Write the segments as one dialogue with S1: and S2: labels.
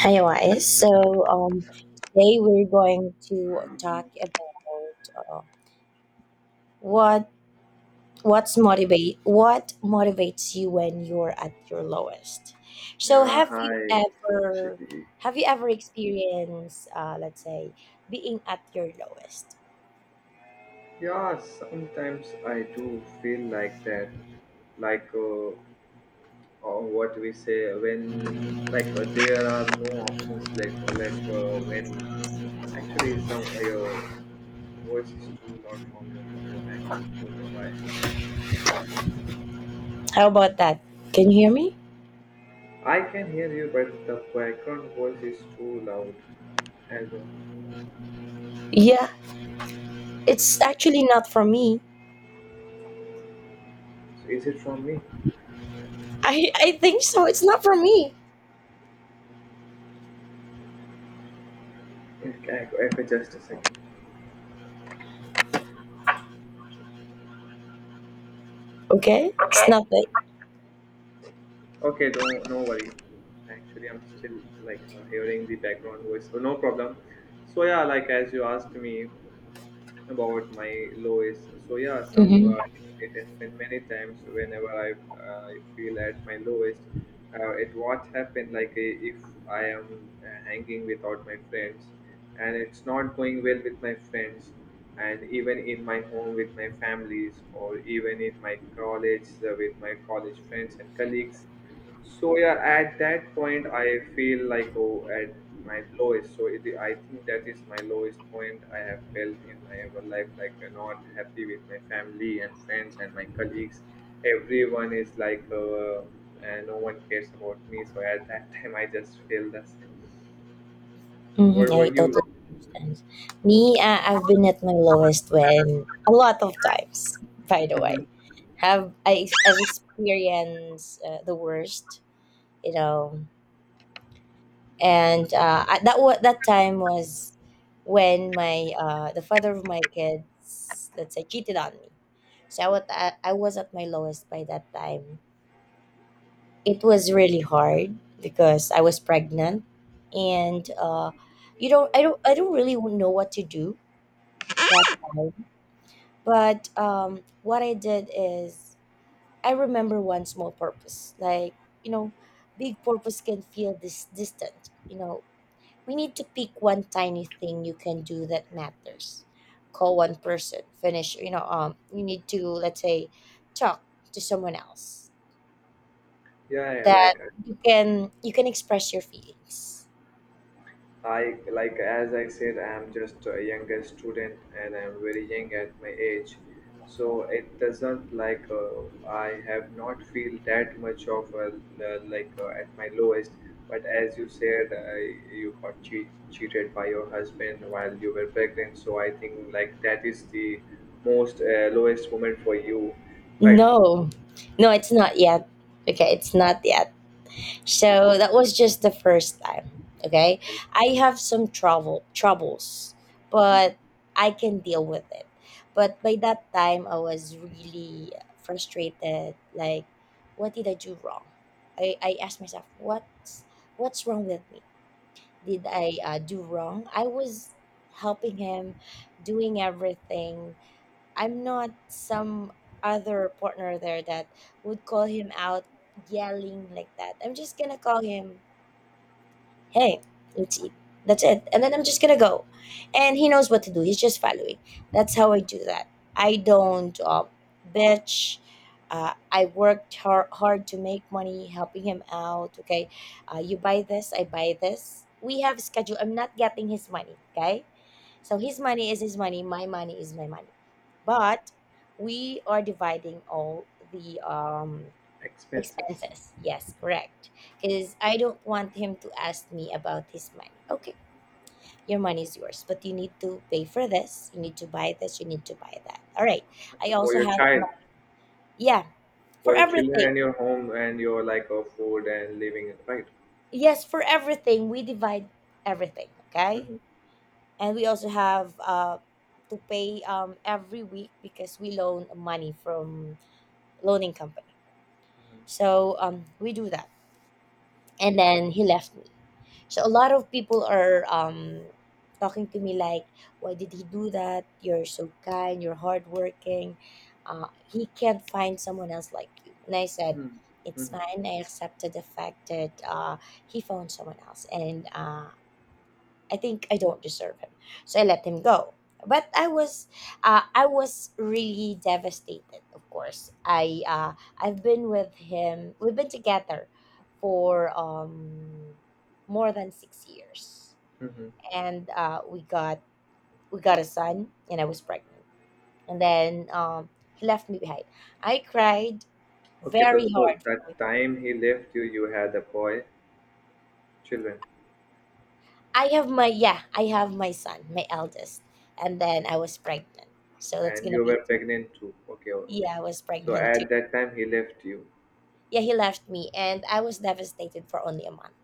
S1: Hi, guys. So, today we're going to talk about what what motivates you when you're at your lowest. So,
S2: Yeah, hi, Shibi.
S1: have you ever experienced, let's say, being at your lowest?
S2: Yeah, sometimes I do feel like that, like or what we say when, like there are no options, like when actually some your voice is too loud from your in your background. Don't know why.
S1: How about that? Can you hear me?
S2: I can hear you, but the background voice is too loud as of now.
S1: Yeah, it's actually not for me.
S2: So is it from me?
S1: I think so. It's not for me.
S2: Okay, I just a second.
S1: Okay, it's not.
S2: Okay, don't no worry. Actually, I'm still like hearing the background voice. Oh, no problem. So yeah, like as you asked me about my lowest. So yeah, some
S1: Mhm,
S2: it has been many times whenever I feel at my lowest. It what happened like if I am hanging without my friends, and it's not going well with my friends, and even in my home with my families, or even in my college with my college friends and colleagues, so yeah, at that point, I feel like oh, at my lowest. So I think that is my lowest point I have felt in my ever life. Like I'm not happy with my family and friends and my colleagues. Everyone is like, no one cares about me. So at that time, I just feel the same.
S1: mhm.
S2: What were
S1: I
S2: you?
S1: totally understand. Me, I've been at my lowest when a lot of times. By the way, have I have experienced the worst, you know, and that time was when my the father of my kids, let's say, cheated on me. So I was at my lowest by that time. It was really hard because I was pregnant, and you don't, I don't, I don't really know what to do that time. But what I did is, I remember one small purpose. Like, you know, big purpose can feel this distant. You know, we need to pick one tiny thing you can do that matters. Call one person, finish. You need to, let's say, talk to someone else
S2: Yeah, yeah, like
S1: that you can express your feelings.
S2: I like as I said, I'm just a younger student and I'm very young at my age, so it doesn't like I have not feel that much of a, at my lowest. But as you said, you got cheated by your husband while you were pregnant, so I think like that is the most lowest moment for you, right?
S1: No, no, it's not yet. Okay, it's not yet. So that was just the first time. Okay,
S2: Okay.
S1: I have some troubles,
S2: Mhm,
S1: but I can deal with it. But by that time, I was really frustrated. Like, what did I do wrong? I asked myself, what's wrong with me? Did I do wrong? I was helping him, doing everything. I'm not some other partner there that would call him out yelling like that. I'm just gonna call him, hey, let's eat. That's it. And then I'm just gonna go. And he knows what to do. He's just following. That's how I do that. I don't bitch. I worked hard to make money helping him out. Okay. You buy this, I buy this. We have schedule. I'm not getting his money. Okay. So his money is his money. My money is my money.
S2: mhm.
S1: But we are dividing all the
S2: Expenses.
S1: Expenses. Yes, correct. Because I don't want him to ask me about his money. Okay, your money is yours, but you need to pay for this. You need to buy this. You need to buy that. All right.
S2: Okay,
S1: I
S2: for
S1: also
S2: your
S1: have my,
S2: child.
S1: yeah, for
S2: For your children
S1: everything.
S2: and your home and your like of food and living, right?
S1: Yes, for everything. We divide everything. Okay.
S2: Mm-hmm.
S1: And we also have to pay every week because we loan money from loaning company. So we do that. And then he left me. So a lot of people are talking to me like, "Why did he do that? You're so kind. You're hardworking. He can't find someone else like you." And I said,
S2: Mm-hmm.
S1: "It's
S2: Mm-hmm.
S1: fine. I accepted the fact that he found someone else, and I think I don't deserve him. So I let him go. But I was really devastated, of course. I I've been with him we've been together for more than 6 years.
S2: Mm-hmm.
S1: And we got a son and I was pregnant. And then he left me behind. I cried
S2: Okay, so,
S1: very
S2: so
S1: hard
S2: that
S1: for a week.
S2: time he left you, you had a boy children,
S1: I have my yeah, I have my son, my eldest, and then I was pregnant. So that's
S2: and
S1: gonna
S2: you were
S1: be,
S2: pregnant too. Okay, okay,
S1: yeah, I was
S2: so
S1: pregnant too.
S2: at that time he left you.
S1: Yeah, he left me and I was devastated for only a month.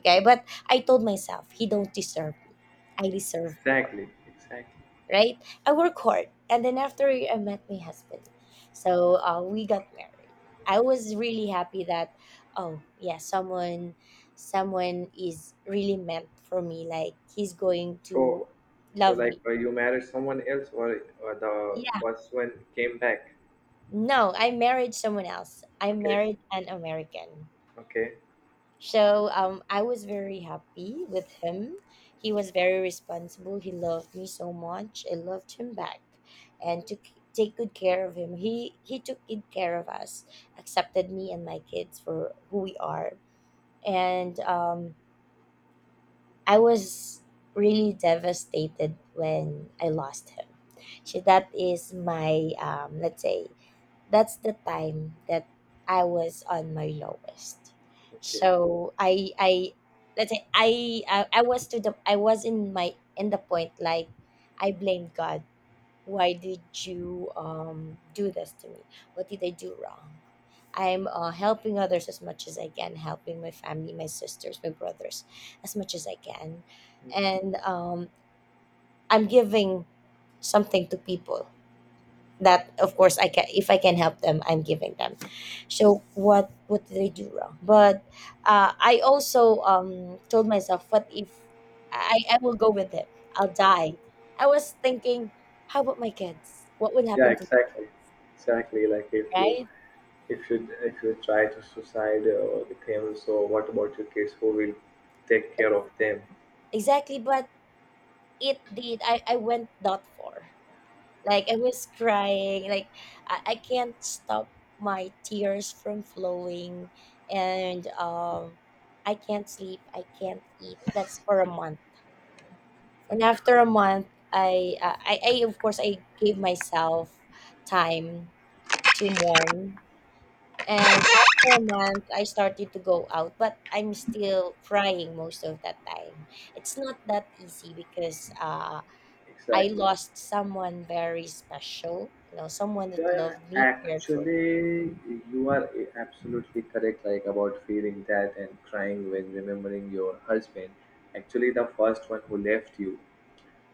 S1: Okay, but I told myself he don't deserve me. I deserve more,
S2: Exactly, exactly.
S1: right? I work hard. And then after a year, I met my husband. So we got married. I was really happy that oh yeah, someone is really meant for me. Like he's going
S2: so
S1: to
S2: so
S1: love
S2: like
S1: me.
S2: you married someone else, or the
S1: Yeah.
S2: first one came back.
S1: No, I married someone else. I
S2: Okay,
S1: married an American.
S2: okay.
S1: So I was very happy with him. He was very responsible. He loved me so much. I loved him back, and took
S2: Hmm.
S1: take good care of him. He took good care of us, accepted me and my kids for who we are, and I was really devastated when I lost him. So that is my let's say that's the time that I was on my lowest.
S2: Okay.
S1: So I let's say I was in my in the point like I blamed God. Why did you do this to me? What did I do wrong? I'm helping others as much as I can, helping my family, my sisters, my brothers, as much as I can, and I'm giving something to people that of course I can, if I can help them, I'm giving them. So what did I do wrong? But I also told myself, what if I will go with it, I'll die. I was thinking, how about my kids, what will
S2: Yeah,
S1: happen to my
S2: exactly,
S1: kids?
S2: exactly, like if you
S1: Right,
S2: If you if you try to suicide with him, so what about your kids? Who will take care of them?
S1: exactly, but it did I went that far. Like I was crying. Like I can't stop my tears from flowing, and I can't sleep. I can't eat. That's for a month. And after a month, I of course I gave myself time to mourn. And after a month, I started to go out, but I'm still crying most of that time. It's not that easy because I
S2: Exactly.
S1: lost someone very special, you know, someone that
S2: Yeah,
S1: loved me, cared for me.
S2: actually, you are absolutely correct, like about feeling that and crying when remembering your husband. Actually, the first one who left you,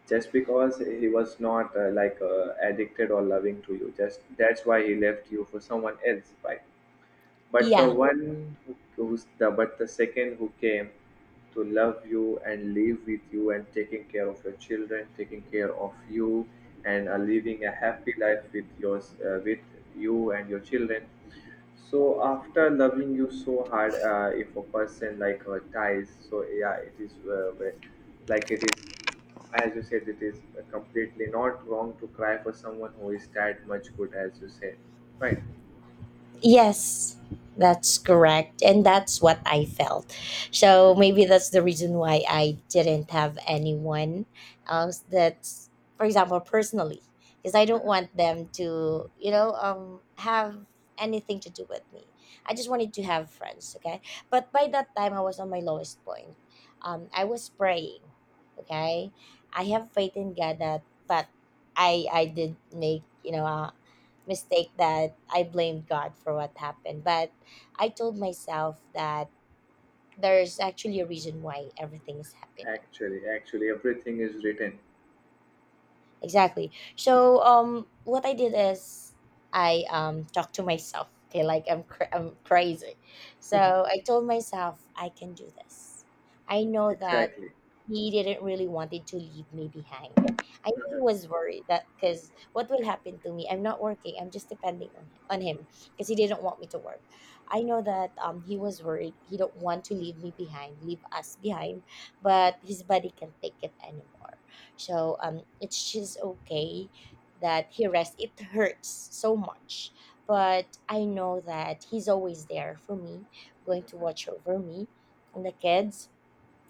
S2: just because he was not like addicted or loving to you, just that's why he left you for someone else, right? But the
S1: Yeah.
S2: one who who's the but the second who came to love you and live with you and taking care of your children, taking care of you and are living a happy life with yours with you and your children. So after loving you so hard, if a person like her dies, so yeah, it is like it is as you said, it is completely not wrong to cry for someone who is that much good, as you said, right?
S1: Yes, that's correct. And that's what I felt. So maybe that's the reason why I didn't have anyone else that's, for example, personally, because I don't
S2: Mm-hmm.
S1: want them to, have anything to do with me. I just wanted to have friends, okay? But by that time, I was on my lowest point. I was praying, okay? I have faith in God that, but I did make, you know, mistake that I blamed God for what happened. But I told myself that there's actually a reason why everything is happening.
S2: Actually, everything is written.
S1: Exactly. So what I did is, I talked to myself, okay, like I'm crazy. So I told myself I can do this. I know that
S2: Exactly.
S1: he didn't really wanted to leave me behind. I know he was worried that because what will happen to me, I'm not working, I'm just depending on him because he didn't want me to work. I know that he was worried, he don't want to leave me behind, leave us behind, but his body can take it anymore. So it's just okay that he rests. It hurts so much, but I know that he's always there for me, going to watch over me and the kids.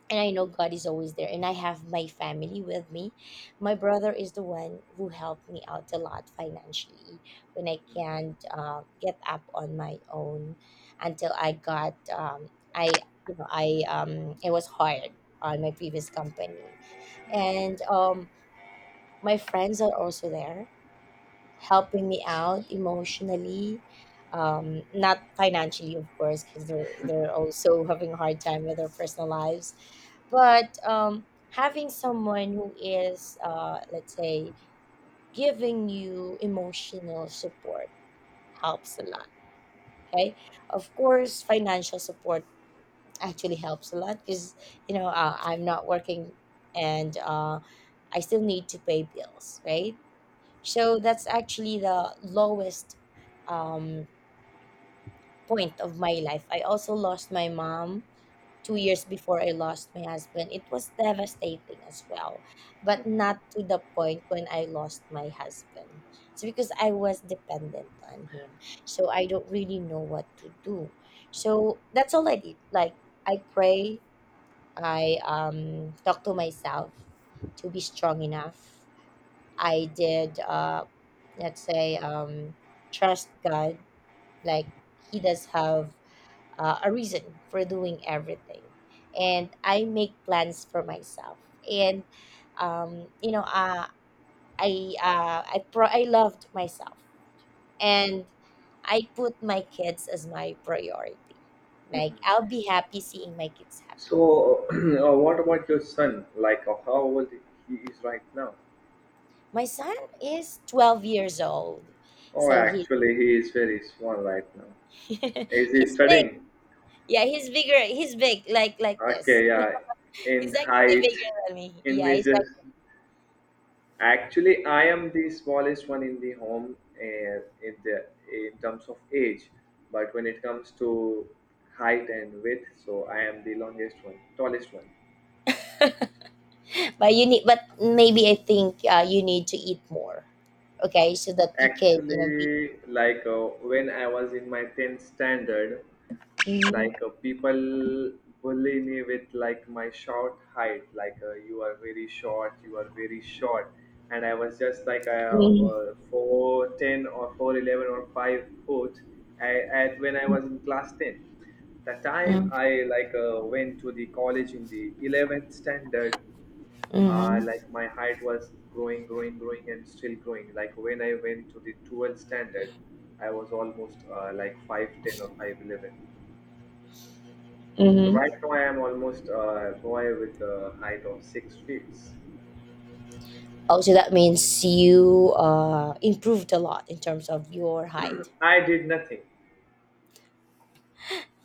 S1: And I know God is always there. And I have my family with me. My brother is the one who helped me out a lot financially when I can't get up on my own until I got I you know I was hired on my previous company, and my friends are also there helping me out emotionally, not financially of course because they're also having a hard time with their personal lives. But having someone who is let's say giving you emotional support helps a lot. Okay, of course financial support actually helps a lot because you know I'm not working and I still need to pay bills, right? So that's actually the lowest um, point of my life. I also lost my mom 2 years before I lost my husband. It was devastating as well, but not to the point when I lost my husband. It's because I was dependent on him. So I don't really know what to do. So that's all I did. Like, I pray, I talk to myself to be strong enough. I did, let's say, trust God. Like He does have a reason for doing everything, and I make plans for myself. And um, you know, uh, I I loved myself, and I put my kids as my priority. Like I'll be happy seeing my kids happy.
S2: So, what about your son? Like, how old he is right now?
S1: My son is 12 years old,
S2: Oh,
S1: so he
S2: actually, he is very small right now. Is he
S1: he's,
S2: studying?
S1: yeah, he's bigger. He's big, like this.
S2: Okay, yeah. In
S1: He's actually
S2: height,
S1: bigger than me.
S2: in
S1: Yeah, he's like.
S2: measures. Actually, I am the smallest one in the home in the in terms of age, but when it comes to height and width, so I am the longest one, tallest one.
S1: But you need. But maybe I think you need to eat more. Okay, so that you can, you know, be.
S2: Actually, like when I was in my 10th standard,
S1: Mm-hmm.
S2: like people bully me with like my short height, like you are very short, you are very short, and I was just like
S1: Mm-hmm.
S2: 4'10" or 4'11" or 5 foot at when I was in class 10, the time I, like went to the college in the 11th standard.
S1: Mm-hmm.
S2: Like my height was growing, growing, growing, and still growing. Like when I went to the 12th standard, I was almost like 5'10 or 5'11. So
S1: Mm-hmm.
S2: right now I am almost a boy with a height of 6 feet.
S1: Oh, so that means you improved a lot in terms of your height.
S2: I did nothing.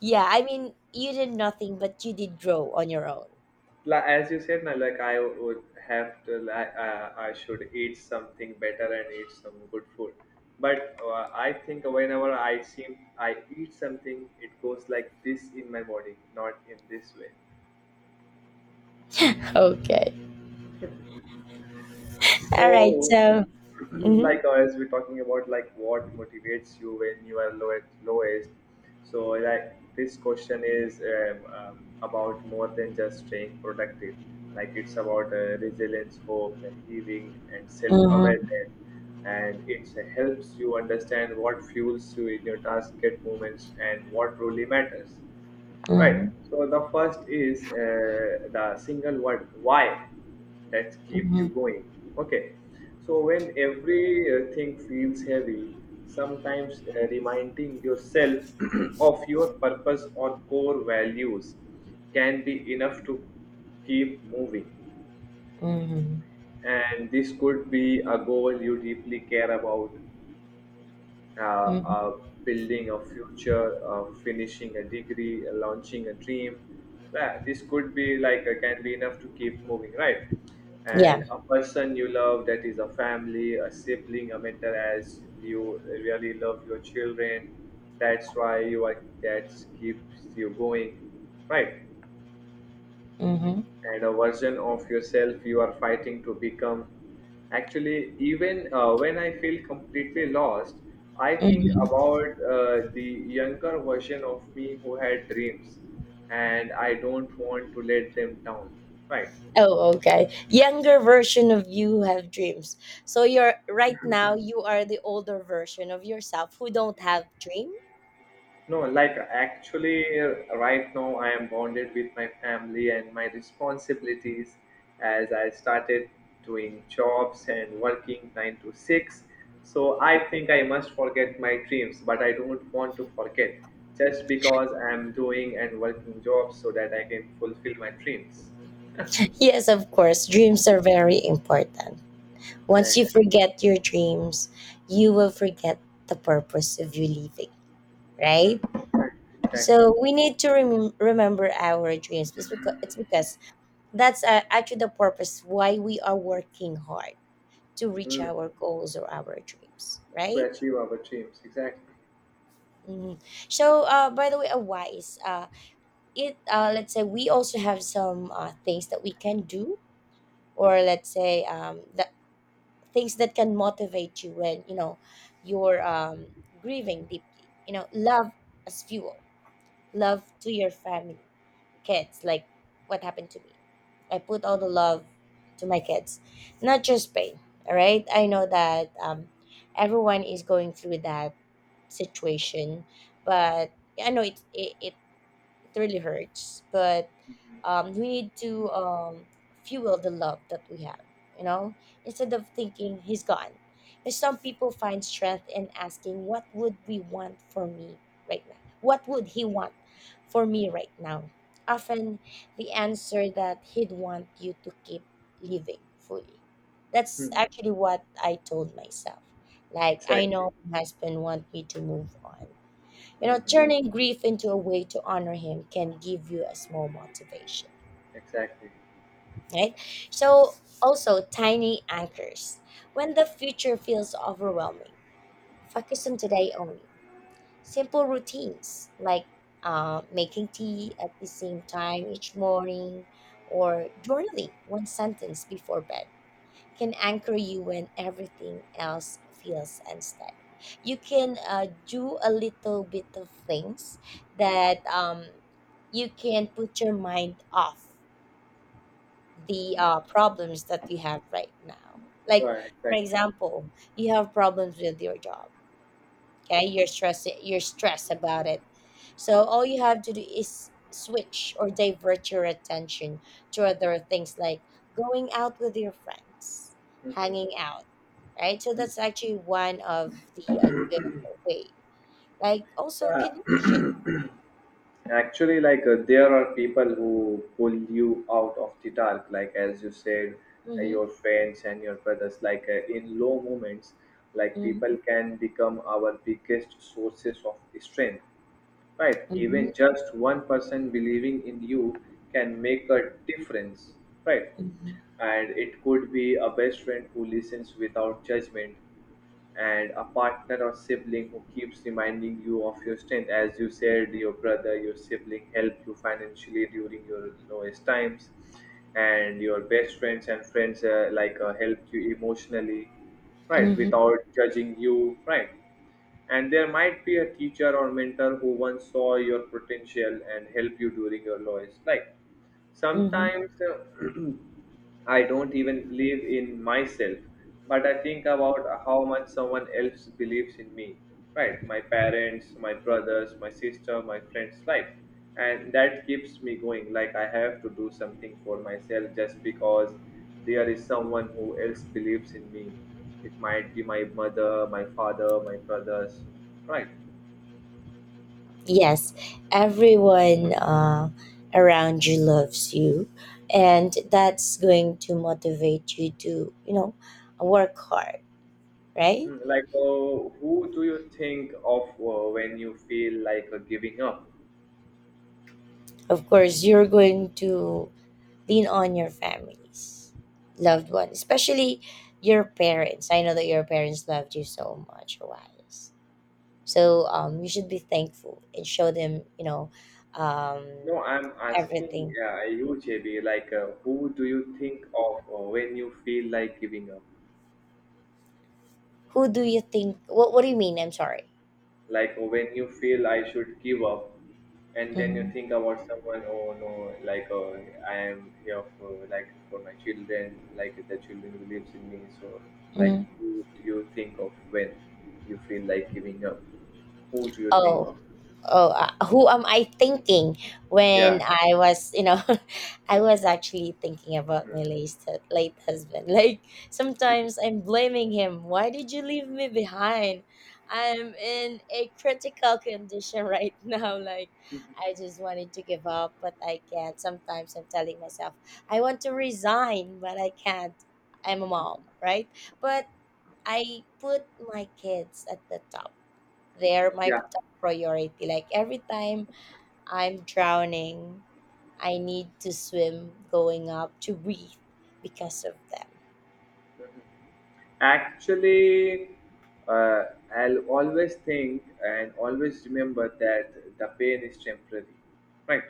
S1: Yeah, I mean, you did nothing, but you did grow on your own.
S2: Like as you said, now like I would have to like I should eat something better and eat some good food. But I think whenever I seem I eat something, it goes like this in my body, not in this way.
S1: Okay. All right.
S2: So,
S1: So. Mm-hmm.
S2: like as we're talking about like what motivates you when you are low at lowest. So like this question is about more than just staying productive. Like it's about resilience, hope, and healing, and
S1: Mm-hmm.
S2: self-awareness. And it helps you understand what fuels you in your task, get moments, and what truly matters.
S1: Mm-hmm.
S2: Right. So the first is the single word why that keep you going. Okay. So when every thing feels heavy, sometimes reminding yourself of your purpose or core values can be enough to keep moving.
S1: Mm-hmm.
S2: And this could be a goal you deeply care about, uh, uh,
S1: Mm-hmm.
S2: building a future, finishing a degree, launching a dream. Yeah, this could be like can be enough to keep moving, right?
S1: Yeah.
S2: And a person you love that is a family, a sibling, a mentor, as you really love your children. That's why you are that keeps you going, right?
S1: Mm-hmm.
S2: And a version of yourself you are fighting to become. Actually, even when I feel completely lost, I think
S1: Mhm.
S2: about the younger version of me who had dreams, and I don't want to let them down. Right.
S1: Oh, okay. Younger version of you have dreams. So you're right now you are the older version of yourself who don't have dream.
S2: No, like actually, right now I am bonded with my family and my responsibilities as I started doing jobs and working 9 to 6. So I think I must forget my dreams, but I don't want to forget just because I am doing and working jobs so that I can fulfill my dreams.
S1: Yes, of course. Dreams are very important. Once you
S2: Exactly.
S1: forget your dreams, you will forget the purpose of you living, right?
S2: Exactly.
S1: So we need to remember our dreams. It's because that's actually the purpose why we are working hard to reach
S2: Hmm.
S1: our goals or our dreams,
S2: To
S1: right?
S2: achieve our dreams. Exactly.
S1: Hmm. So, by the way, a wise, it let's say we also have some things that we can do, or let's say that things that can motivate you when you know you're grieving deeply. You know, love as fuel, love to your family, kids. Like what happened to me, I put all the love to my kids, not just pain. All right, I know that everyone is going through that situation, but I know it really hurts, but we need to fuel the love that we have, you know, instead of thinking he's gone. And some people find strength in asking what would we want for me right now, what would he want for me right now. Often the answer that he'd want you to keep living fully, that's
S2: Hmm.
S1: actually what I told myself. Like I
S2: Exactly.
S1: know my husband want me to move on. You know,
S2: Hmm.
S1: turning grief into a way to honor him can give you a small motivation,
S2: Exactly.
S1: right? So, also tiny anchors. When the future feels overwhelming, focus on today only. Simple routines like making tea at the same time each morning or journaling one sentence before bed can anchor you when everything else feels unsteady. You can do a little bit of things that you can put your mind off the problems that you have right now. Like
S2: Right.
S1: for
S2: Exactly.
S1: example, you have problems with your job. Okay, you're stressed. You're stressed about it. So all you have to do is switch or divert your attention to other things like going out with your friends, hanging out, right? So that's actually one of the good way. Like also
S2: Yeah,
S1: connection.
S2: actually, like there are people who pull you out of the dark, like as you said, your
S1: Mm-hmm.
S2: friends and your brothers. Like in low moments, like
S1: Mm-hmm.
S2: people can become our biggest sources of strength, right? Even
S1: Mm-hmm.
S2: just one person believing in you can make a difference, right?
S1: Mm-hmm.
S2: And it could be a best friend who listens without judgment, and a partner or sibling who keeps reminding you of your strength, as you said, your brother, your sibling helped you financially during your lowest times, and your best friends and friends like help you emotionally, right,
S1: Mm-hmm.
S2: without judging you, right? And there might be a teacher or mentor who once saw your potential and helped you during your lowest life.
S1: Mm-hmm.
S2: Sometimes uh, I don't even believe in myself, but I think about how much someone else believes in me. Right? My parents, my brothers, my sister, my friends, like. And that keeps me going. Like, I have to do something for myself just because there is someone who else believes in me. It might be my mother, my father, my brothers. Right?
S1: Yes, everyone around you loves you, and that's going to motivate you to, you know, work hard, right?
S2: Mm, like, who do you think of when you feel like giving up?
S1: Of course you're going to lean on your families, loved ones, especially your parents. I know that your parents loved you so much, wise. So you should be thankful and show them, you know, um,
S2: No, I'm asking
S1: everything.
S2: you, JB, like, who do you think of when you feel like giving up?
S1: Who do you think, what do you mean? I'm sorry.
S2: Like, when you feel I should give up, and then you
S1: Mm-hmm.
S2: think about someone, oh no, like, I am here for, like, for my children, like, the children believes in me. So, like, who do you think of when you feel like giving up? Who do you think
S1: Oh,
S2: of?
S1: oh, who am I thinking
S2: Yeah,
S1: when I was, you know, I was actually thinking about my late, late husband. Like sometimes I'm blaming him. Why did you leave me behind? I'm in a critical condition right now. Like I just wanted to give up, but I can't. Sometimes I'm telling myself I want to resign, but I can't. I'm a mom, right? But I put my kids at the top, they're my
S2: yeah.
S1: top priority. Like every time I'm drowning, I need to swim going up to breathe because of them.
S2: Actually, uh, I'll always think and always remember that the pain is temporary, right?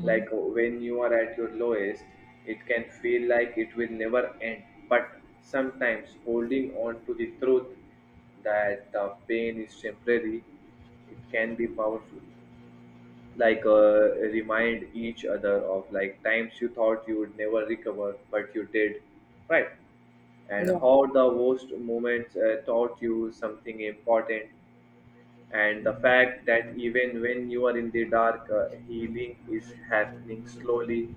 S2: Like when you are at your lowest, it can feel like it will never end. But sometimes holding on to the truth that the pain is temporary, it can be powerful. Like remind each other of like times you thought you would never recover, but you did, right? And
S1: Yeah.
S2: how the worst moments taught you something important, and the fact that even when you are in the dark healing is happening slowly.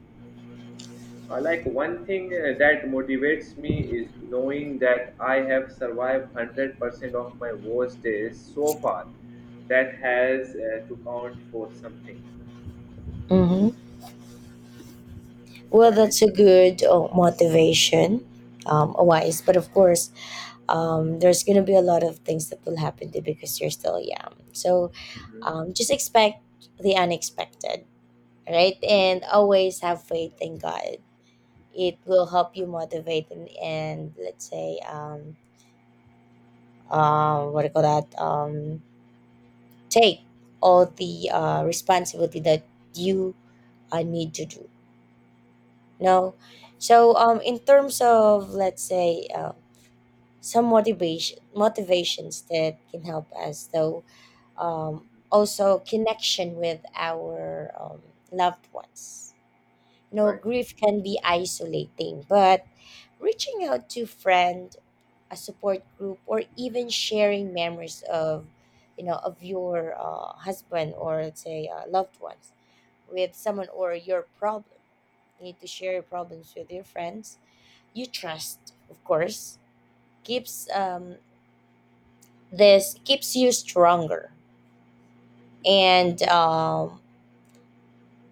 S2: Like one thing that motivates me is knowing that I have survived 100% of my worst days so far. That has to count for something,
S1: Mm-hmm. Well,
S2: right?
S1: that's a good motivation. Wise, but of course, there's gonna be a lot of things that will happen to you because you're still young. So
S2: Mhm.
S1: just expect the unexpected, right? And always have faith in God. It will help you motivate and let's say what do you call that? Take all the responsibility that you need to do. No, so in terms of let's say some motivations that can help us though, also connection with our loved ones. You know,
S2: Right.
S1: grief can be isolating, but reaching out to friend, a support group, or even sharing memories of, you know, of your husband, or let's say loved ones, with someone, or your problem, you need to share your problems with your friends you trust, of course, keeps this keeps you stronger and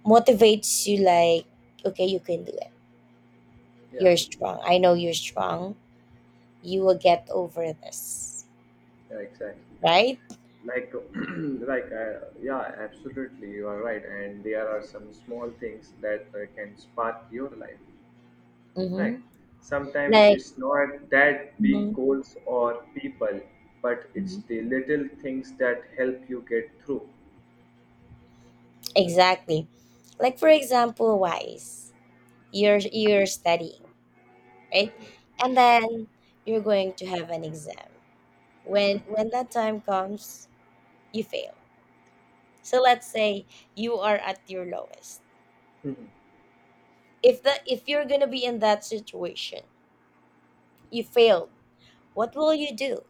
S1: motivates you like okay, you can do it,
S2: Yeah.
S1: you're strong, I know you're strong, you will get over this,
S2: Yeah. Exactly.
S1: right?
S2: Like like yeah, absolutely, you are right, and there are some small things that can spark your life, right?
S1: Mm-hmm.
S2: Sometimes
S1: Like
S2: it's not that big
S1: Mhm.
S2: goals or people, but it's
S1: Mhm.
S2: the little things that help you get through.
S1: Exactly. Like for example, wise. You're studying, right? And then you're going to have an exam. When
S2: Mhm.
S1: when that time comes, you fail. So let's say you are at your lowest. If you're gonna be in that situation, you failed. What will you do?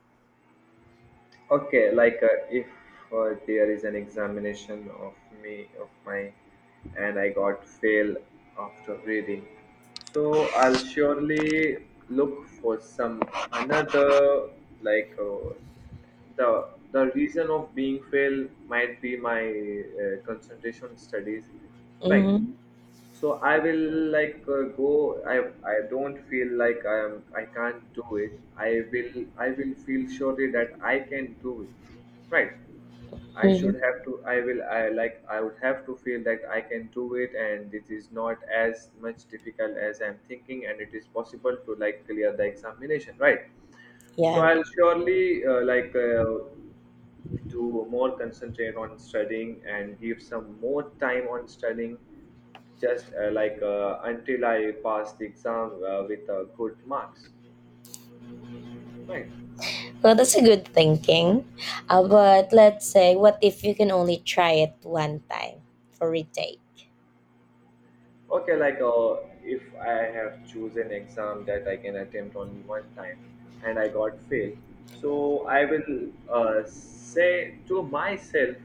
S2: Okay, like if there is an examination of me of my, and I got fail after reading, so I'll surely look for some another, like the reason of being fail might be my concentration studies, right?
S1: Mm-hmm.
S2: So I will go. I don't feel like I am. I can't do it. I will. I will feel surely that I can do it. Right. I should
S1: Mm-hmm.
S2: have to. I will. I like. I would have to feel that I can do it, and it is not as much difficult as I'm thinking, and it is possible to like clear the examination. Right. So
S1: Yeah.
S2: I'll surely to more concentrate on studying and give some more time on studying just like until I pass the exam with good marks, right?
S1: Well, that's a good thinking. But let's say, what if you can only try it one time for retake?
S2: Okay, if I have chosen exam that I can attempt only one time and I got fail, so I will say to myself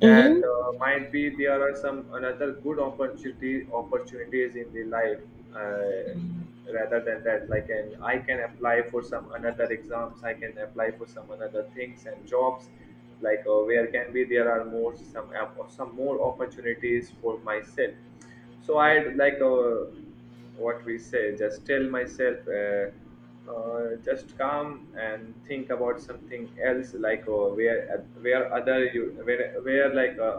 S2: that might be there are some another good opportunity opportunities in the life
S1: Mm-hmm.
S2: rather than that. Like, and I can apply for some another exams. I can apply for some another things and jobs. Where can be there are more some some more opportunities for myself, so I'd like what we say, just tell myself, just calm and think about something else, where other you where like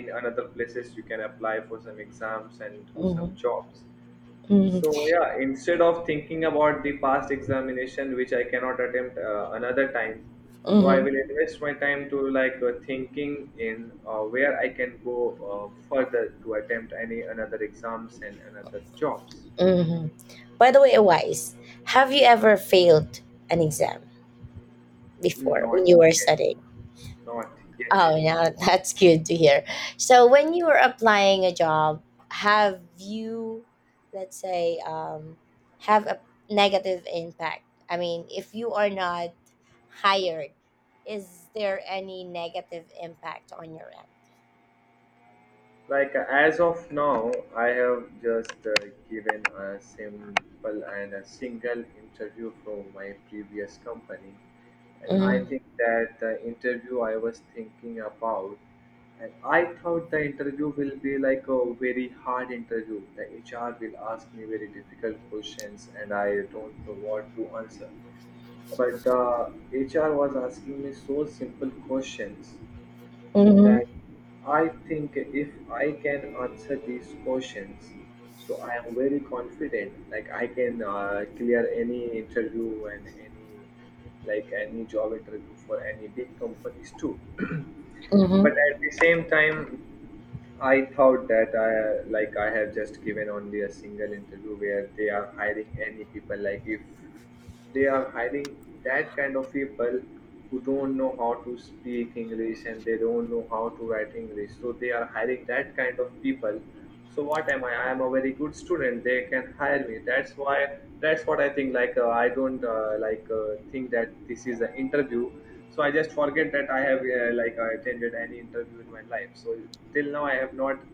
S2: in another places you can apply for some exams and do some jobs.
S1: Hmm.
S2: So yeah, instead of thinking about the past examination, which I cannot attempt another time, so I
S1: Hmm.
S2: will invest my time to like thinking in where I can go further to attempt any another exams and another jobs.
S1: Hmm. By the way, Wise, have you ever failed an exam before when
S2: Not
S1: you were
S2: yet,
S1: studying?
S2: not yet.
S1: Oh, yeah, that's good to hear. So, when you were applying a job, have you, let's say, have a negative impact? I mean, if you are not hired, is there any negative impact on your end?
S2: Like as of now, I have just given a simple and a single interview from my previous company, and I
S1: Mhm,
S2: think that the interview I was thinking about, and I thought the interview will be like a very hard interview. The HR will ask me very difficult questions, and I don't know what to answer. But the HR was asking me so simple questions
S1: mhm,
S2: that I think if I can answer these questions, so I am very confident. Like I can clear any interview and any like any job interview for any big companies too. But
S1: mhm.
S2: at the same time I thought that I like I have just given only a single interview where they are hiring any people. Like if they are hiring that kind of people who don't know how to speak English and they don't know how to write English, so they are hiring that kind of people. So what am I? I am a very good student. They can hire me. That's why, that's what I think. I don't think that this is an interview, so I just forget that I have attended any interview in my life. So till now I have not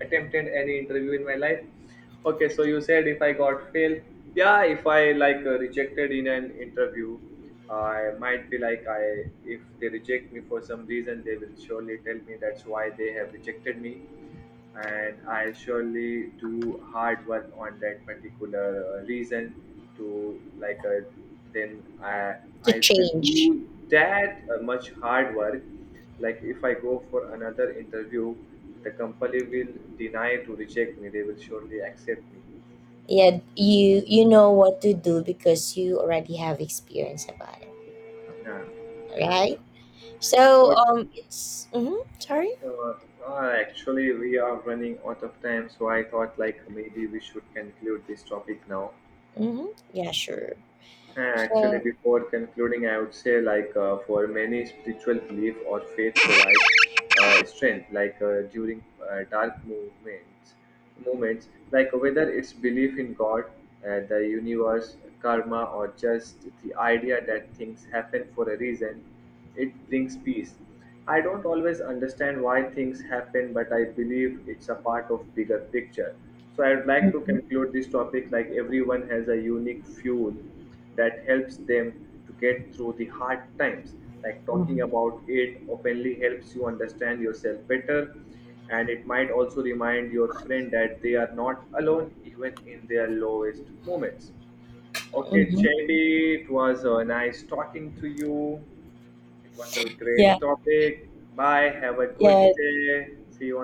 S2: attempted any interview in my life. Okay, so you said if I got failed, yeah, if I rejected in an interview, I might be like I, if they reject me for some reason, they will surely tell me that's why they have rejected me, and I surely do hard work on that particular reason to like then
S1: To
S2: I will
S1: change.
S2: do that much hard work. Like if I go for another interview, the company will deny to reject me. They will surely accept me.
S1: Yeah, you know what to do because you already have experience about it,
S2: Yeah.
S1: right? So
S2: But
S1: it's mm-hmm, sorry.
S2: uh, actually, we are running out of time, so I thought like maybe we should conclude this topic now.
S1: Mm-hmm. Yeah, sure.
S2: Actually,
S1: So.
S2: before concluding, I would say for many, spiritual belief or faith provides strength, during uh, dark movements, moments, like whether it's belief in God, the universe, karma, or just the idea that things happen for a reason, it brings peace. I don't always understand why things happen, but I believe it's a part of bigger picture. So I would like to
S1: Mm-hmm,
S2: conclude this topic, like everyone has a unique fuel that helps them to get through the hard times. Like talking about it openly helps you understand yourself better, and it might also remind your friend that they are not alone even in their lowest moments. Okay
S1: mm-hmm.
S2: Chedi, it was nice talking to you. It was a great
S1: Yeah,
S2: topic. Bye, have a good
S1: yeah.
S2: day, see you.